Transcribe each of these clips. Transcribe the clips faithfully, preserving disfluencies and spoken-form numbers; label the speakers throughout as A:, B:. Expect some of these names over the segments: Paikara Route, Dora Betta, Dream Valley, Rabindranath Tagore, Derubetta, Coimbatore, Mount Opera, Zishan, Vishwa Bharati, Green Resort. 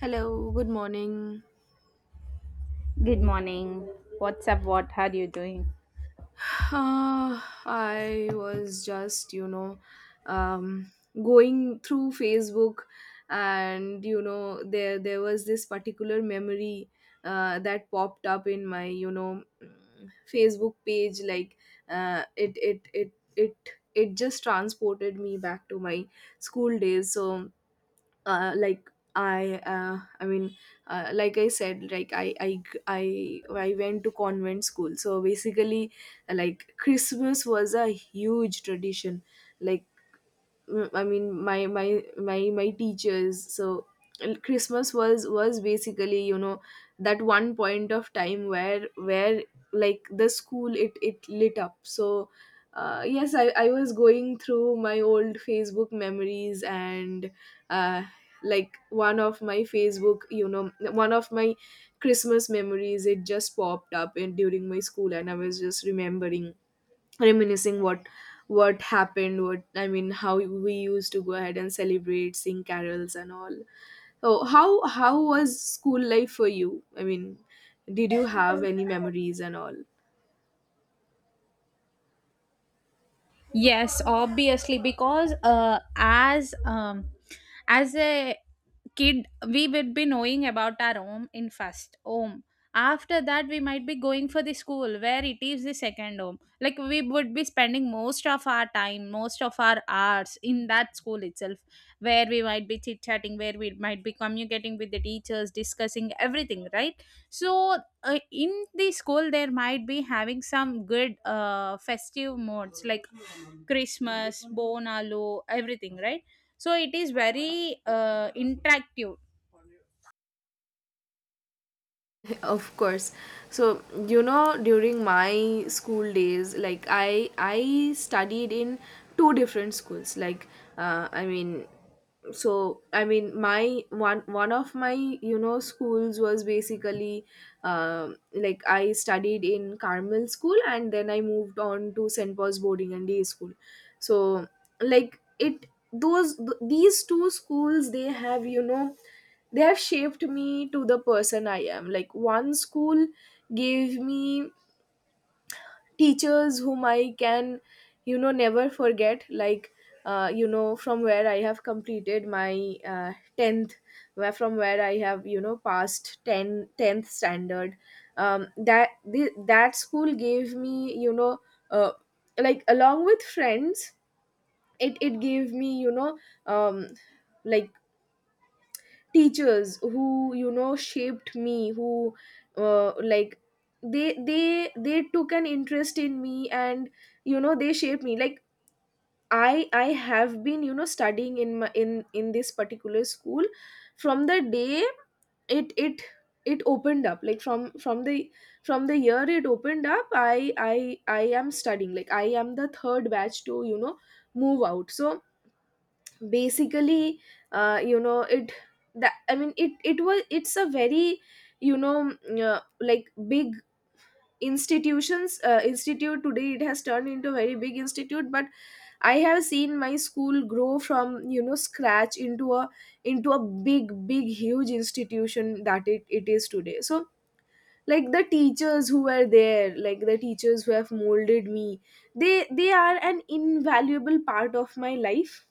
A: Hello, good morning.
B: Good morning. What's up? What are you doing?
A: Uh, I was just, you know, um, going through Facebook, and you know, there there was this particular memory uh, that popped up in my, you know, mm, Facebook page. Like, uh, it it it it it just transported me back to my school days. So, uh, like, i uh, I mean, uh, like I said, like I, I i i went to convent school, so basically, like, Christmas was a huge tradition. Like, mm, I mean, my my my my teachers. So, and Christmas was was basically you know that one point of time where where, like, the school, it it lit up. So, uh, yes, I I was going through my old Facebook memories. And uh, like, one of my Facebook, you know one of my Christmas memories, it just popped up in during my school, and I was just remembering, reminiscing, what what happened, what I mean, how we used to go ahead and celebrate, sing carols and all. So, how how was school life for you? I mean, did you have any memories and all?
B: Yes, obviously, because uh, as um, as a kid we would be knowing about our home in first home, after that we might be going for the school where it is the second home, like we would be spending most of our time, most of our hours in that school itself, where we might be chit chatting, where we might be communicating with the teachers, discussing everything, right? So uh, in the school there might be having some good uh, festive modes, like Christmas, bonalu, everything, right? So it is very uh, interactive.
A: Of course. So, you know, during my school days, like, i i studied in two different schools. Like, uh, I mean, so I mean, my one one of my you know schools was basically, um like, I studied in Carmel School, and then I moved on to St. Paul's Boarding and Day School. So, like, it those th- these two schools, they have, you know they have shaped me to the person I am. Like, one school gave me teachers whom I can, you know, never forget. Like, uh, you know, from where I have completed my uh, tenth, where from where I have, you know, passed ten tenth standard. Um, that, the, that school gave me, you know, uh, like, along with friends, it, it gave me, you know, um, like, teachers who you know shaped me, who uh, like, they they they took an interest in me, and you know they shaped me. Like, i i have been you know studying in my in in this particular school from the day it it it opened up, like, from from the from the year it opened up. I i i am studying. Like, I am the third batch to you know move out. So basically, uh, you know it that I mean, it it was it's a very you know mm, uh, like, big institutions, uh, institute. Today it has turned into a very big institute, but I have seen my school grow from you know scratch into a, into a big, big, huge institution that it, it is today. So, like, the teachers who were there, like, the teachers who have molded me, they they are an invaluable part of my life.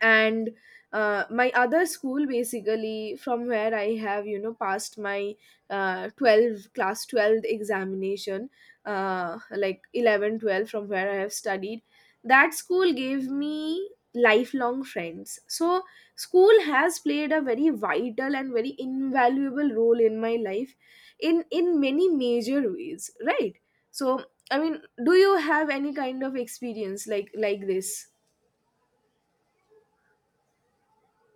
A: And uh, my other school, basically, from where I have you know passed my uh, twelve, class twelve examination, uh, like, eleven twelve, from where I have studied. That school gave me lifelong friends, so school has played a very vital and very invaluable role in my life, in in many major ways, right? So, I mean, do you have any kind of experience like like this?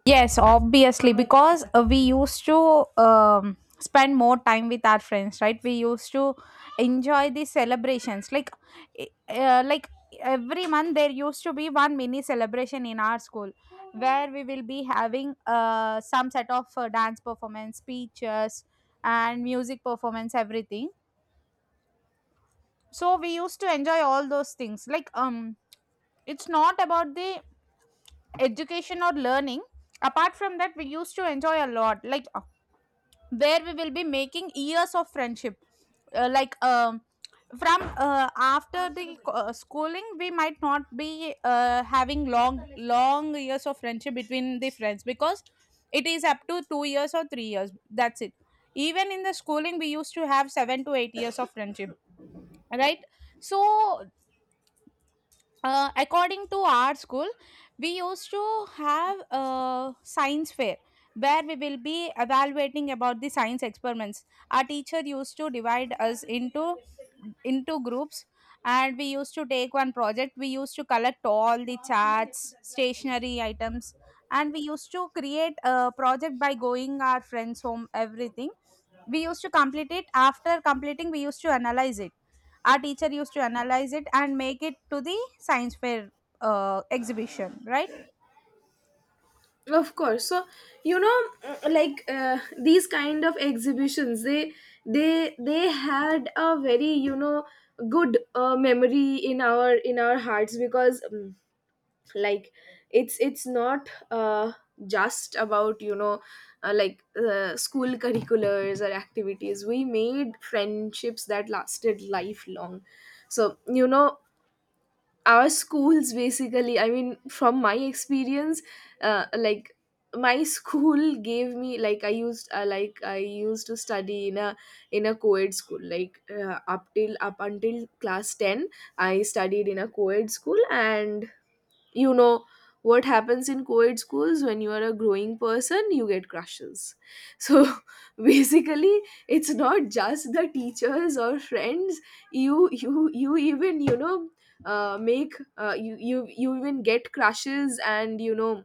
B: Yes, obviously, because uh, we used to um, spend more time with our friends, right? We used to enjoy the celebrations. Like, i- uh, like every month there used to be one mini celebration in our school, where we will be having uh, some set of uh, dance performance, speeches, and music performance, everything. So we used to enjoy all those things. Like, um, it's not about the education or learning. Apart from that, we used to enjoy a lot, like uh, where we will be making years of friendship, uh, like um from uh, after the co- uh, schooling, we might not be uh, having long long years of friendship between the friends, because it is up to two years or three years, that's it. Even in the schooling we used to have seven to eight years of friendship, right? So uh, according to our school we used to have a science fair, where we will be evaluating about the science experiments. Our teacher used to divide us into into groups, and we used to take one project. We used to collect all the charts, stationery items, and we used to create a project by going our friends home, everything. We used to complete it. After completing, we used to analyze it. Our teacher used to analyze it and make it to the science fair uh, exhibition, right?
A: Of course. So, you know, mm, like, uh, these kind of exhibitions, they they they had a very, you know good uh, memory in our in our hearts, because um, like, it's it's not uh, just about, you know uh, like, uh, school curriculars or activities. We made friendships that lasted lifelong. So, you know our schools, basically, I mean, from my experience, uh, like, my school gave me, like i used uh, like, I used to study in a, in a co-ed school, like, uh, up till up until class ten. I studied in a co-ed school, and you know what happens in co-ed schools: when you are a growing person, you get crushes. So, basically, it's not just the teachers or friends. You you you even you know uh, make, uh, you you you even get crushes. And, you know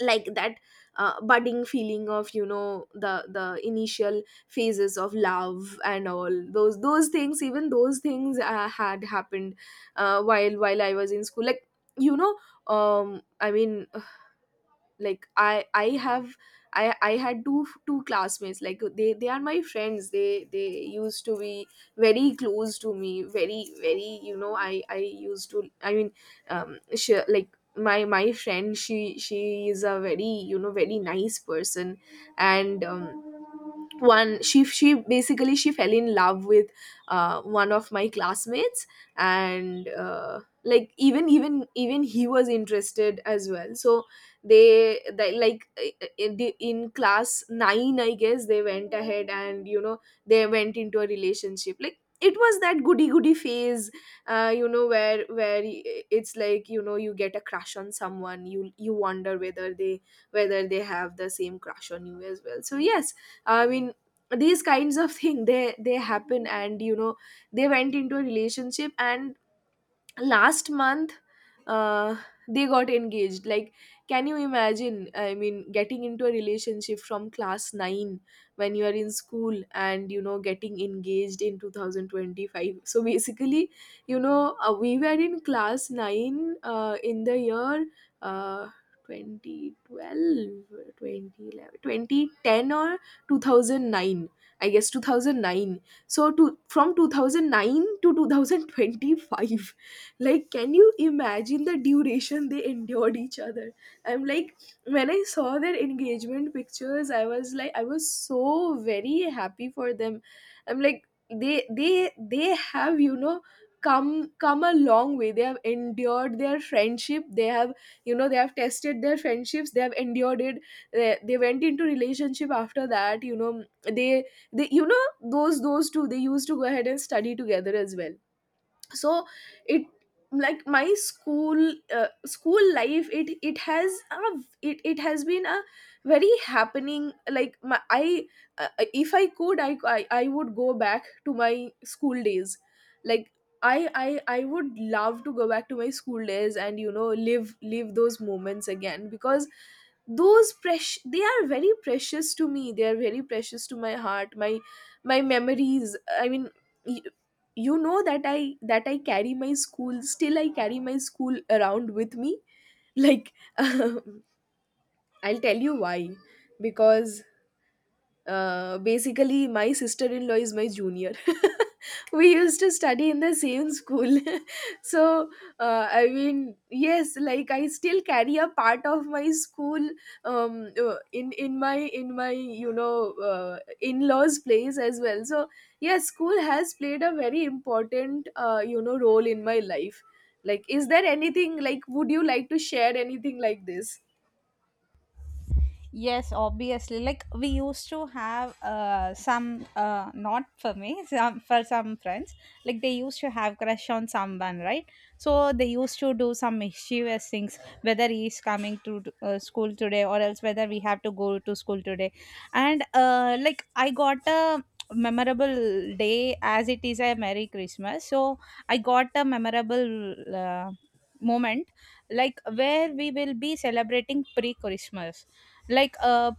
A: like that uh, budding feeling of, you know the the initial phases of love, and all those those things, even those things uh, had happened uh, while while I was in school, like, you know um I mean, like, I I have I I had two two classmates. Like, they they are my friends. They they used to be very close to me, very, very, you know i i used to, I mean, um she, like, my my friend, she she is a very, you know very nice person. And um one she she basically, she fell in love with uh, one of my classmates. And uh, like, even even even he was interested as well. So, they, they like, uh, in, the, in class nine, I guess, they went ahead and you know they went into a relationship. Like, it was that goody goody phase. Uh, you know where, where y- it's like, you know you get a crush on someone. You you wonder whether they, whether they have the same crush on you as well. So, yes, I mean, these kinds of thing, they they happen. And you know they went into a relationship. And last month, uh, they got engaged, like, can you imagine? I mean, getting into a relationship from class nine when you are in school, and you know getting engaged in two thousand twenty-five? So basically, you know uh, we were in class nine, uh, in the year, uh, two thousand twelve or two thousand nine, I guess two thousand nine. So, to from two thousand nine to twenty twenty-five, like, can you imagine the duration they endured each other? I'm like, when I saw their engagement pictures, I was like, I was so very happy for them. I'm like, they they they have you know come come a long way. They have endured their friendship. they have you know they have tested their friendships. They have endured it. they, they went into relationship. After that, you know they they you know those those two, they used to go ahead and study together as well. So, it like, my school uh, school life, it it has a, it, it has been a very happening. Like, my, I uh, if I could, I, I i would go back to my school days. Like, I, I i would love to go back to my school days and you know live, live those moments again, because those precious they are very precious to me. They are very precious to my heart, my my memories, I mean, you know that i that I carry my school. Still I carry my school around with me, like, I'll tell you why. Because uh, basically, my sister-in-law is my junior. We used to study in the same school. So, uh, I mean, yes, like, I still carry a part of my school um, uh, in in my in my you know uh, in-laws' place as well. So, yes, school has played a very important uh, you know role in my life. Like, is there anything like? Would you like to share anything like this?
B: Yes, obviously. Like, we used to have uh, some uh, not for me, some for some friends. Like, they used to have crush on someone, right? So they used to do some mischievous things. Whether he is coming to uh, school today, or else whether we have to go to school today. And uh, like, I got a memorable day, as it is a Merry Christmas. So I got a memorable uh, moment, like where we will be celebrating pre-Christmas, like uh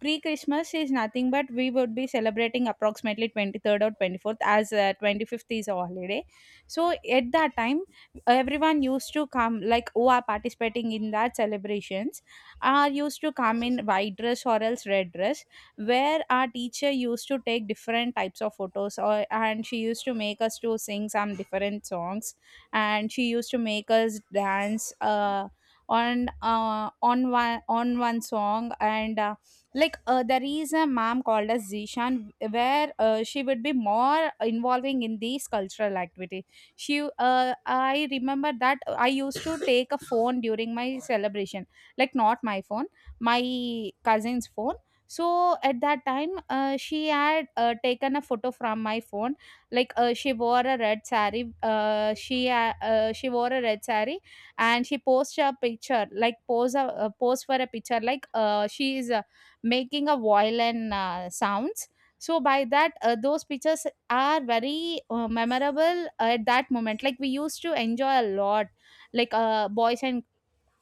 B: pre Christmas is nothing but we would be celebrating approximately twenty-third or twenty-fourth, as uh, twenty-fifth is a holiday. So at that time everyone used to come, like who are participating in that celebrations are used to come in white dress or else red dress, where our teacher used to take different types of photos, or and she used to make us to sing some different songs, and she used to make us dance uh, on uh, on one on one song. And uh, like uh, there is a ma'am called as Zishan, where uh, she would be more involving in these cultural activity. She uh, I remember that I used to take a phone during my celebration, like not my phone, my cousin's phone. So at that time uh, she had uh, taken a photo from my phone. Like uh, she wore a red sari, uh, she uh, uh, she wore a red sari, and she posts a picture, like pose a uh, pose for a picture, like uh, she is uh, making a violin uh, sounds. So by that uh, those pictures are very uh, memorable at that moment, like we used to enjoy a lot. Like uh, boys and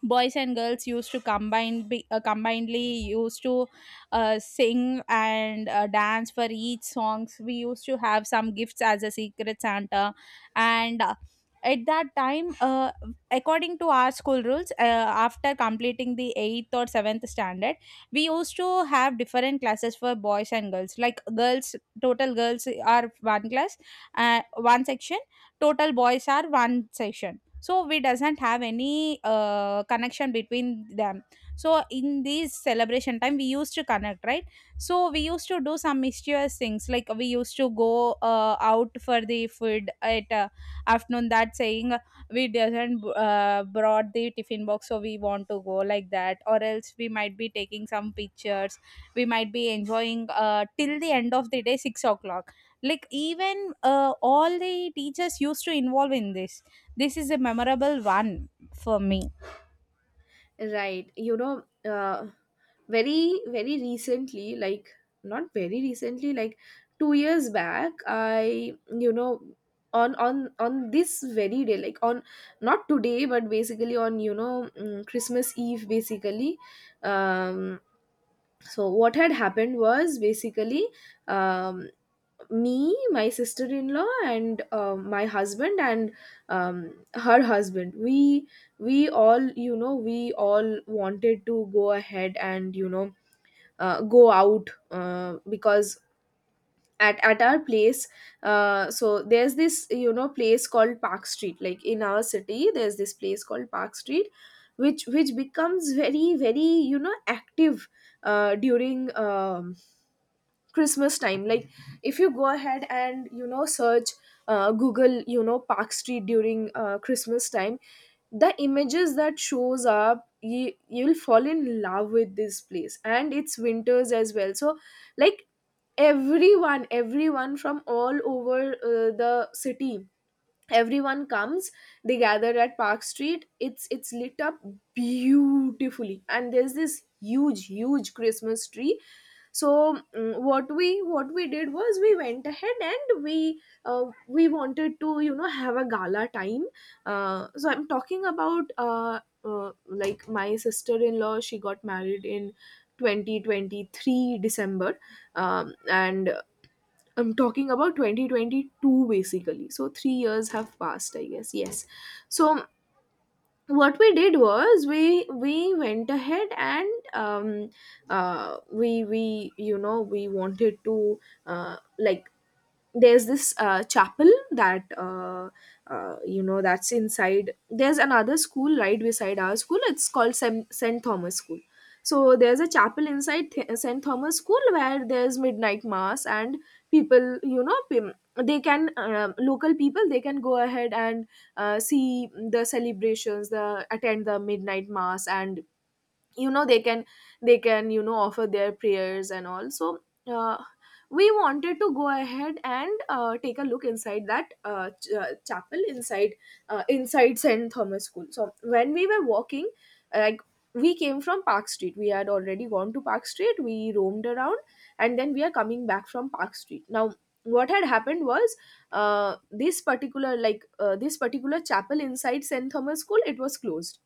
B: boys and girls used to combine be, uh, combinedly used to uh, sing and uh, dance for each songs. We used to have some gifts as a secret Santa. And uh, at that time uh, according to our school rules uh, after completing the eighth or seventh standard, we used to have different classes for boys and girls, like girls total girls are one class, uh, one section, total boys are one section. So we doesn't have any uh, connection between them, so in this celebration time we used to connect, right? So we used to do some mischievous things, like we used to go uh, out for the food at uh, afternoon, that saying we doesn't uh, brought the tiffin box, so we want to go like that, or else we might be taking some pictures. We might be enjoying uh, till the end of the day, six o'clock. Like, even uh, all the teachers used to involve in this. This is a memorable one for me.
A: Right. You know, uh, very, very recently, like, not very recently, like two years back, I, you know, on on on this very day, like on, not today, but basically on, you know, mm, Christmas Eve basically. um so what had happened was basically, um me, my sister-in-law, and uh, my husband, and um, her husband, we we all, you know we all wanted to go ahead and, you know uh, go out, uh, because at, at our place, uh, so there's this, you know place called Park Street, like, in our city. There's this place called Park Street, which which becomes very, very, you know active uh, during um, Christmas time, like, if you go ahead and you know search uh, Google, you know Park Street during uh, Christmas time. The images that shows up, you you'll fall in love with this place. And it's winters as well. So, like, everyone everyone from all over uh, the city, everyone comes. They gather at Park Street. It's it's lit up beautifully. And there's this huge, huge Christmas tree. So, mm, what we what we did was we went ahead and we uh, we wanted to, you know have a gala time. Uh, so I'm talking about, uh, uh, like, my sister-in-law, she got married in twenty twenty-three December, um, and uh, I'm talking about twenty twenty-two basically. So three years have passed, I guess. Yes. So what we did was we we went ahead and, um, uh, we we you know we wanted to, uh, like, there's this, uh, chapel that, uh, uh, you know that's inside. There's another school right beside our school. It's called Sem- st. Thomas School. So there's a chapel inside Th- st. Thomas School, where there's midnight mass, and people, you know pim- they can, um, local people, they can go ahead and, uh, see the celebrations, the attend the midnight mass, and, you know they can, they can you know offer their prayers and all. So, uh, we wanted to go ahead and, uh, take a look inside that, uh, ch- uh, chapel inside, uh, inside St. Thomas School. So when we were walking, like, we came from Park Street. We had already gone to Park Street, we roamed around, and then we are coming back from Park Street. Now what had happened was, uh, this particular, like, uh, this particular chapel inside St. Thomas School, it was closed.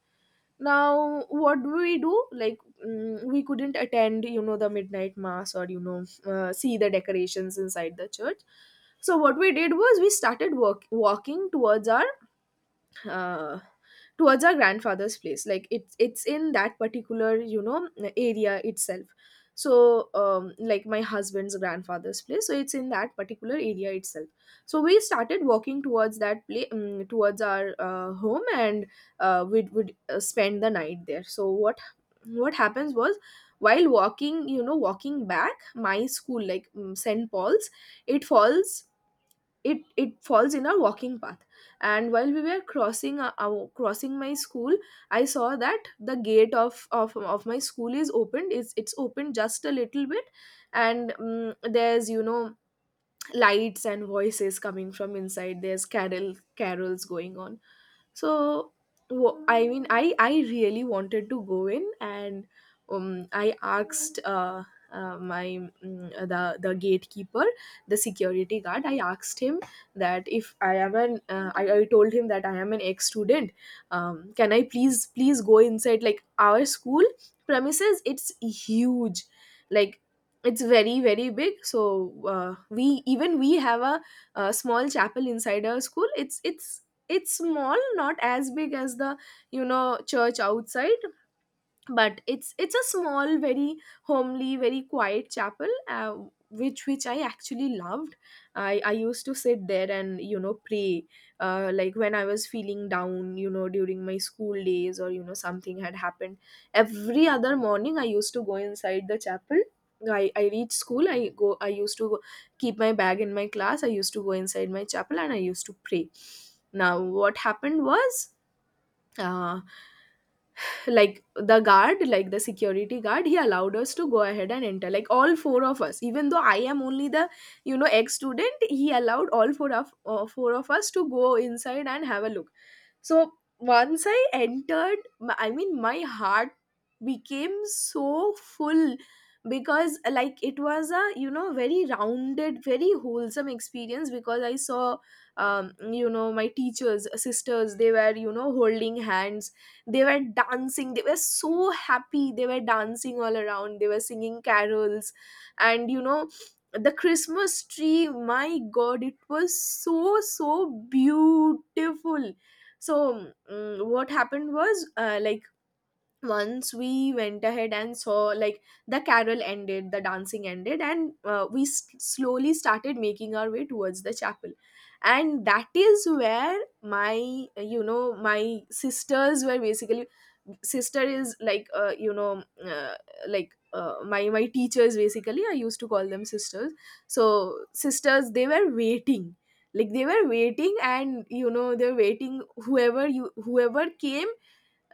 A: Now what do we do? Like, mm, we couldn't attend, you know the midnight mass, or, you know uh, see the decorations inside the church. So what we did was, we started work- walking towards our, uh, towards our grandfather's place. Like, it's it's in that particular, you know area itself. So, um, like, my husband's grandfather's place, so it's in that particular area itself. So we started walking towards that place, um, towards our, uh, home, and, uh, we would, uh, spend the night there. So what what happens was, while walking, you know walking back, my school, like, um, St. Paul's, it falls, it it falls in our walking path. And while we were crossing our, our- crossing my school, I saw that the gate of of, of my school is opened. It's it's opened just a little bit. And, um, there's, you know lights and voices coming from inside. There's carol carols going on. So, wo- I mean, I I really wanted to go in. And, um, I asked, uh, uh, my, mm, the the gatekeeper, the security guard. I asked him that, if I am an uh, I, I told him that I am an ex student. Um, can I please please go inside? Like, our school premises, it's huge. Like, it's very, very big. So, uh, we, even we have a, a small chapel inside our school. It's it's it's small, not as big as the, you know church outside, but it's it's a small, very homely, very quiet chapel, uh, which which I actually loved. I i used to sit there and, you know pray, uh, like, when I was feeling down, you know during my school days, or, you know something had happened. Every other morning, I used to go inside the chapel. I, I reach school, i go i used to go, keep my bag in my class, I used to go inside my chapel, and I used to pray. Now what happened was, uh, like, the guard, like, the security guard, he allowed us to go ahead and enter, like, all four of us, even though I am only the, you know ex student. He allowed all four of uh, four of us to go inside and have a look. So, once I entered, m- I mean, my heart became so full, because, like, it was a, you know very rounded, very wholesome experience. Because I saw, um, you know my teachers, sisters, they were, you know holding hands. They were dancing, they were so happy, they were dancing all around, they were singing carols. And, you know the Christmas tree, my God, it was so, so beautiful. So, mm, what happened was, uh, like, once we went ahead and saw, like, the carol ended, the dancing ended, and, uh, we s- slowly started making our way towards the chapel. And that is where my uh, you know my sisters were, basically. Sister is like, uh, you know uh, like uh, my my teachers, basically. I used to call them sisters. So sisters, they were waiting. Like, they were waiting, and, you know they're waiting, whoever you whoever came.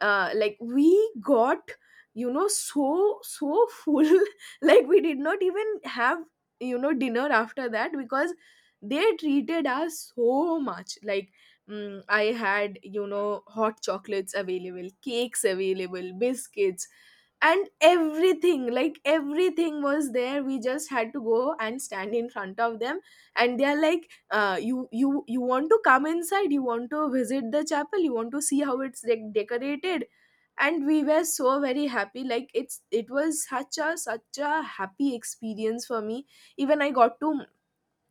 A: uh, Like, we got, you know so, so full, like, we did not even have, you know dinner after that, because they treated us so much. Like, mm, I had, you know hot chocolates available, cakes available, biscuits, and everything. Like, everything was there. We just had to go and stand in front of them, and they are like, uh, you you you want to come inside, you want to visit the chapel, you want to see how it's like decorated. And we were so very happy. Like, it's it was such a, such a happy experience for me. Even I got to,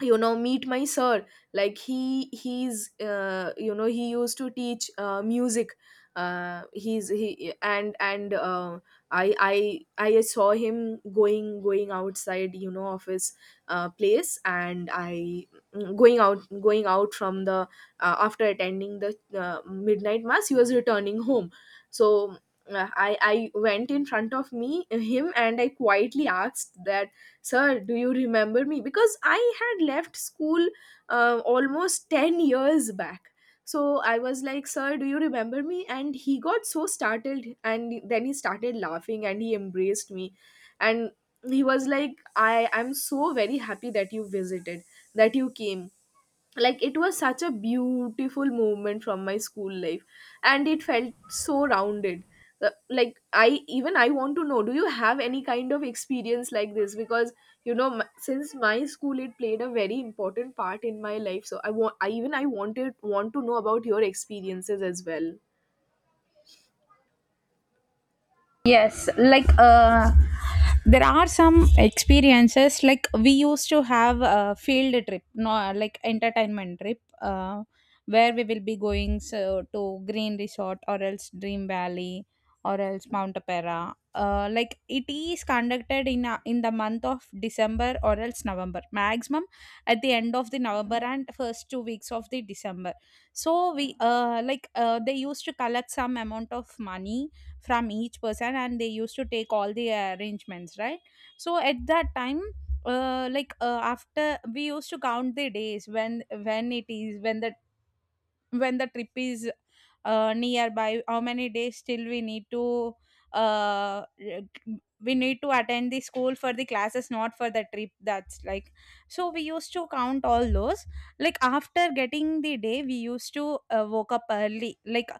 A: you know meet my sir. Like, he he's, uh, you know he used to teach, uh, music. Uh, he's he And, and uh, i i i saw him going going outside, you know of his, uh, place. And I, mm, going out going out from the, uh, after attending the, uh, midnight mass, he was returning home. So, uh, I, I went in front of me him, and I quietly asked that, sir, do you remember me? Because I had left school, uh, almost ten years back. So I was like, sir, do you remember me? And he got so startled, and then he started laughing, and he embraced me. And he was like, i I'm so very happy that you visited, that you came. Like, it was such a beautiful moment from my school life, and it felt so rounded. Uh, like, I even I want to know, do you have any kind of experience like this? Because, you know m- since my school, it played a very important part in my life. So, I want I even I wanted want to know about your experiences as well.
B: Yes, like uh, there are some experiences, like we used to have a field trip, no, like entertainment trip, uh, where we will be going so, to Green Resort or else Dream Valley or else Mount Opera. Uh, like it is conducted in a, in the month of December or else November, maximum at the end of the November and first two weeks of the December. So we uh, like uh, they used to collect some amount of money from each person, and they used to take all the arrangements, right? So at that time uh, like uh, after we used to count the days, when when it is when the when the trip is uh, nearby, how many days still we need to, uh, we need to attend the school for the classes, not for the trip, that's like. So we used to count all those, like after getting the day we used to uh, woke up early, like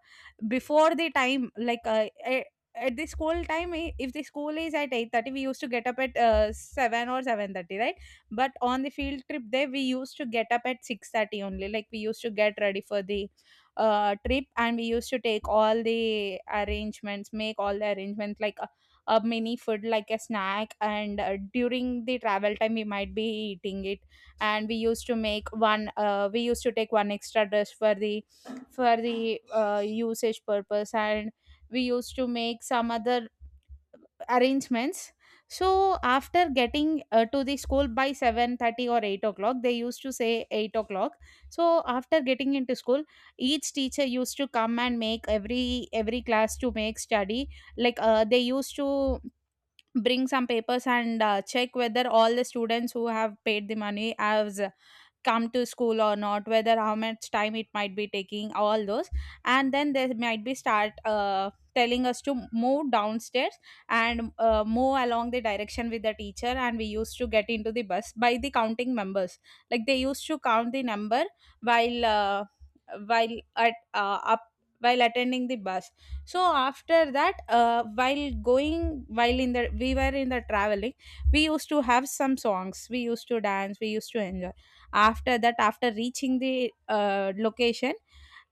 B: before the time. Like uh, eh, at the school time, eh, if the school is at eight thirty, we used to get up at uh, seven or seven thirty, right? But on the field trip there we used to get up at six thirty only, like we used to get ready for the uh, trip, and we used to take all the arrangements, make all the arrangements, like a, a mini food, like a snack. And uh, during the travel time we might be eating it. And we used to make one uh, we used to take one extra dress for the, for the uh, usage purpose. And we used to make some other arrangements. So after getting uh, to the school by seven thirty or eight o'clock, they used to say eight o'clock. So after getting into school, each teacher used to come and make every every class to make study, like uh, they used to bring some papers and uh, check whether all the students who have paid the money has come to school or not, whether how much time it might be taking, all those. And then they might be start uh, telling us to move downstairs and uh, move along the direction with the teacher, and we used to get into the bus by the counting members, like they used to count the number while uh, while at uh, up while attending the bus. So after that, uh, while going while in the we were in the traveling, we used to have some songs, we used to dance, we used to enjoy. After that, after reaching the uh, location,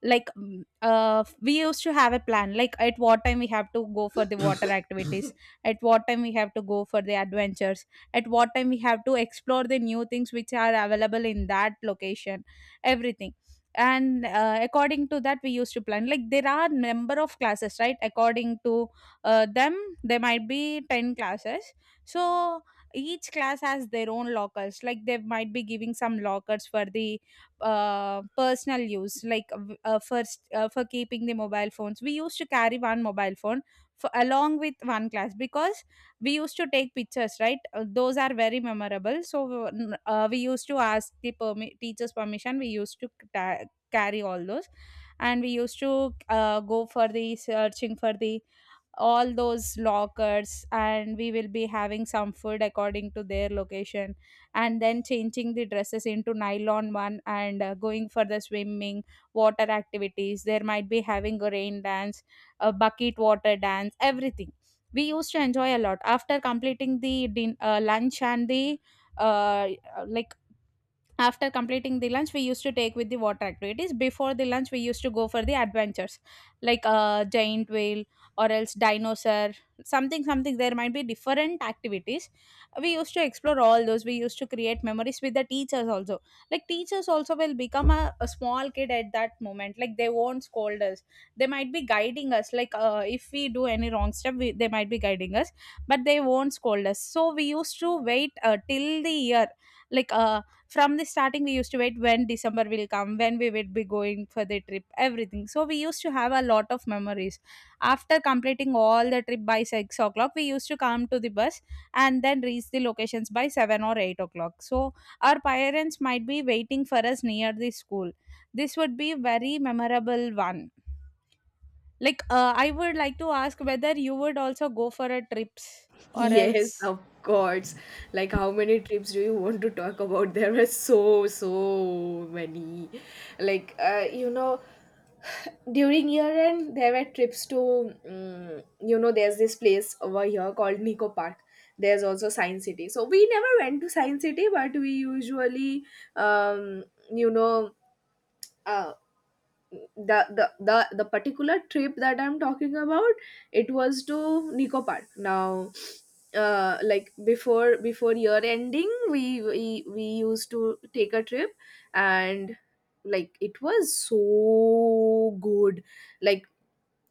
B: like mm, uh, we used to have a plan, like at what time we have to go for the water activities, at what time we have to go for the adventures, at what time we have to explore the new things which are available in that location, everything. And uh, according to that we used to plan. Like, there are number of classes, right, according to uh, them, there might be ten classes. So each class has their own lockers, like they might be giving some lockers for the uh, personal use, like v- uh, first, uh, for keeping the mobile phones, we used to carry one mobile phone for, along with one class, because we used to take pictures, right? Uh, those are very memorable, so we n- uh, we used to ask the permi- teacher's permission, we used to ta- carry all those. And we used to uh, go for the searching for the all those lockers, and we will be having some food according to their location, and then changing the dresses into nylon one, and uh, going for the swimming water activities. There might be having a rain dance, a bucket water dance, everything. We used to enjoy a lot after completing the din- uh, lunch. And the, uh, like, after completing the lunch, we used to take with the water activities. Before the lunch, we used to go for the adventures, like a giant whale, or else dinosaur, something something, there might be different activities. We used to explore all those. We used to create memories with the teachers also, like teachers also will become a, a small kid at that moment, like they won't scold us, they might be guiding us, like uh, if we do any wrong step, we, they might be guiding us, but they won't scold us. So we used to wait uh, till the year, like uh, from the starting we used to wait when December will come, when we will be going for the trip, everything. So we used to have a lot of memories. After completing all the trip by six o'clock, we used to come to the bus and then reach the locations by seven or eight o'clock. So our parents might be waiting for us near the school. This would be very memorable one. Like, uh, I would like to ask whether you would also go for a trips, or
A: Yes,
B: else
A: of course. Like, how many trips do you want to talk about? There are so, so many. Like, uh, you know, during year end, there were trips to, um, you know, there's this place over here called Nico Park. There's also Science City. So, we never went to Science City, but we usually, um, you know, uh, the the the, the particular trip that I'm talking about, it was to Nico Park. Now, uh, like, before before year ending, we, we we used to take a trip. And, like, it was so good. Like,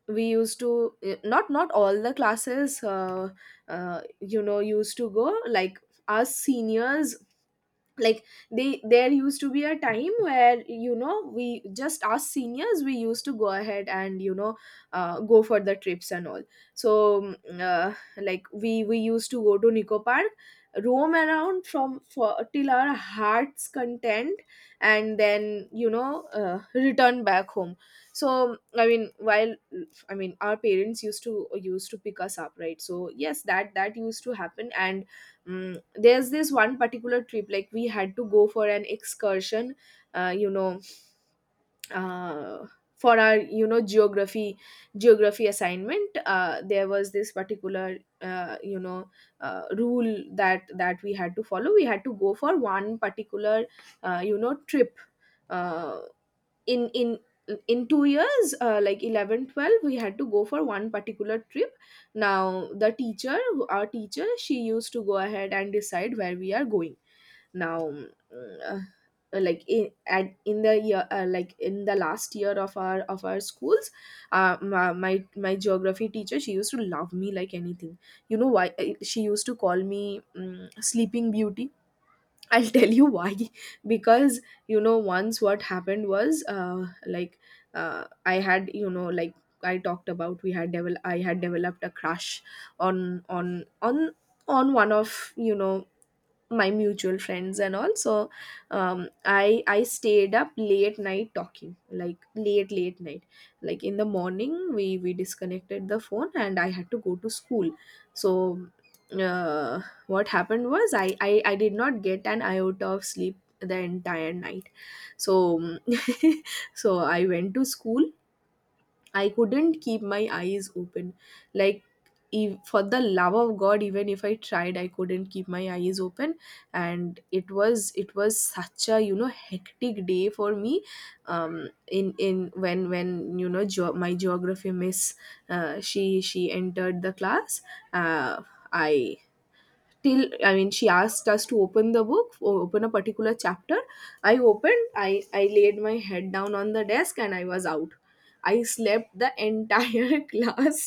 A: we used to, eh, not not all the classes, uh, uh, you know used to go. Like, us seniors, like, they there used to be a time where, you know we, just us seniors, we used to go ahead and, you know uh, go for the trips and all. So, mm, uh, like, we we used to go to Nico Park, roam around from for till our heart's content, and then, you know uh, return back home. So I mean, while i mean our parents used to, used to pick us up, right? So yes, that that used to happen. And, mm, there's this one particular trip, like, we had to go for an excursion, uh, you know uh, for our, you know geography geography assignment. Uh, there was this particular, uh, you know uh, rule that that we had to follow. We had to go for one particular, uh, you know trip, uh, in in in two years, uh, like, eleven, twelve, we had to go for one particular trip. Now the teacher our teacher, she used to go ahead and decide where we are going. Now, mm, uh, like, in at, in the year, uh, like, in the last year of our of our schools, uh, my, my my geography teacher, she used to love me like anything. You know why? Uh, she used to call me, um, sleeping beauty. I'll tell you why. Because, you know, once what happened was, uh, like, uh, I had, you know, like I talked about, we had devel- I had developed a crush on, on, on, on one of, you know, my mutual friends and all. So, um, i i stayed up late night talking, like, late late night. Like, in the morning, we we disconnected the phone, and I had to go to school. So, uh, what happened was, I, I i did not get an iota of sleep the entire night. So so I went to school. I couldn't keep my eyes open. Like, ev- for the love of God, even if I tried, I couldn't keep my eyes open. And it was it was such a, you know hectic day for me. Um, in in when, when you know geo my geography miss, uh, she she entered the class. Uh, I till I mean, she asked us to open the book, o- open a particular chapter. I opened i i laid my head down on the desk, and I was out. I slept the entire class.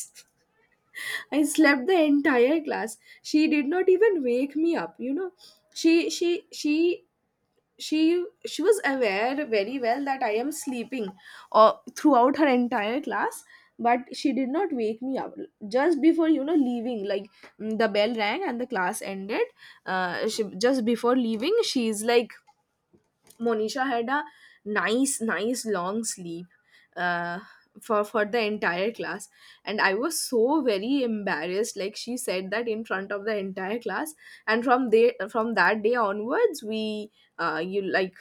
A: I slept the entire class. She did not even wake me up, you know she she she she she was aware very well that I am sleeping, uh, throughout her entire class, but she did not wake me up. Just before, you know leaving, like, mm, the bell rang and the class ended. Uh, she, just before leaving, she's like, Monisha had a nice nice long sleep, uh, for for the entire class. And I was so very embarrassed, like, she said that in front of the entire class. And from there from that day onwards, we, uh, you like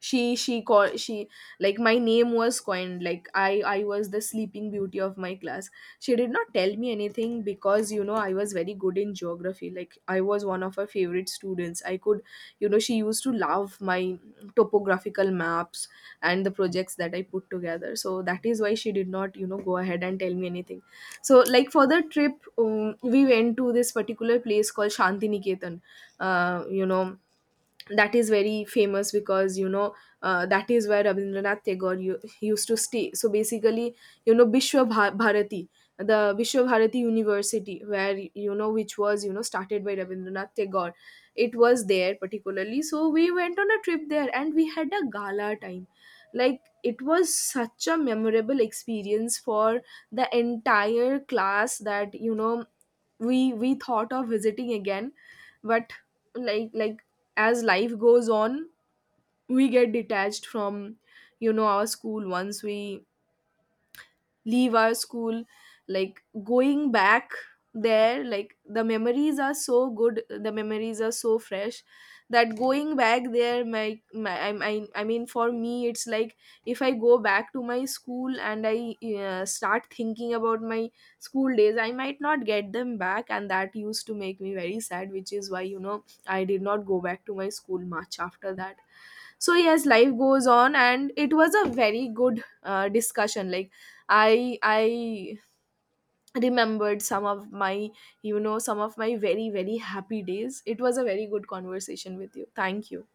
A: she she called, she like, my name was coined. Like, i i was the sleeping beauty of my class. She did not tell me anything, because, you know I was very good in geography. Like, I was one of her favorite students. I could you know she used to love my topographical maps and the projects that I put together, so that is why she did not, you know go ahead and tell me anything. So, like, for the trip, um, we went to this particular place called Shantiniketan, uh, you know that is very famous because, you know uh, that is where Rabindranath Tagore u- used to stay. So basically, you know Vishwa Bha- Bharati, the Vishwa Bharati University, where, you know which was, you know started by Rabindranath Tagore, it was there particularly. So we went on a trip there and we had a gala time. Like, it was such a memorable experience for the entire class that, you know we we thought of visiting again. But, like like, as life goes on, we get detached from, you know our school once we leave our school. Like, going back there, like, the memories are so good, the memories are so fresh, that going back there, my, my I, I, I mean, for me it's like, if I go back to my school and I, uh, start thinking about my school days, I might not get them back, and that used to make me very sad, which is why, you know I did not go back to my school much after that. So yes, life goes on. And it was a very good, uh, discussion. Like, i i remembered some of my, you know some of my very, very happy days. It was a very good conversation with you. Thank you.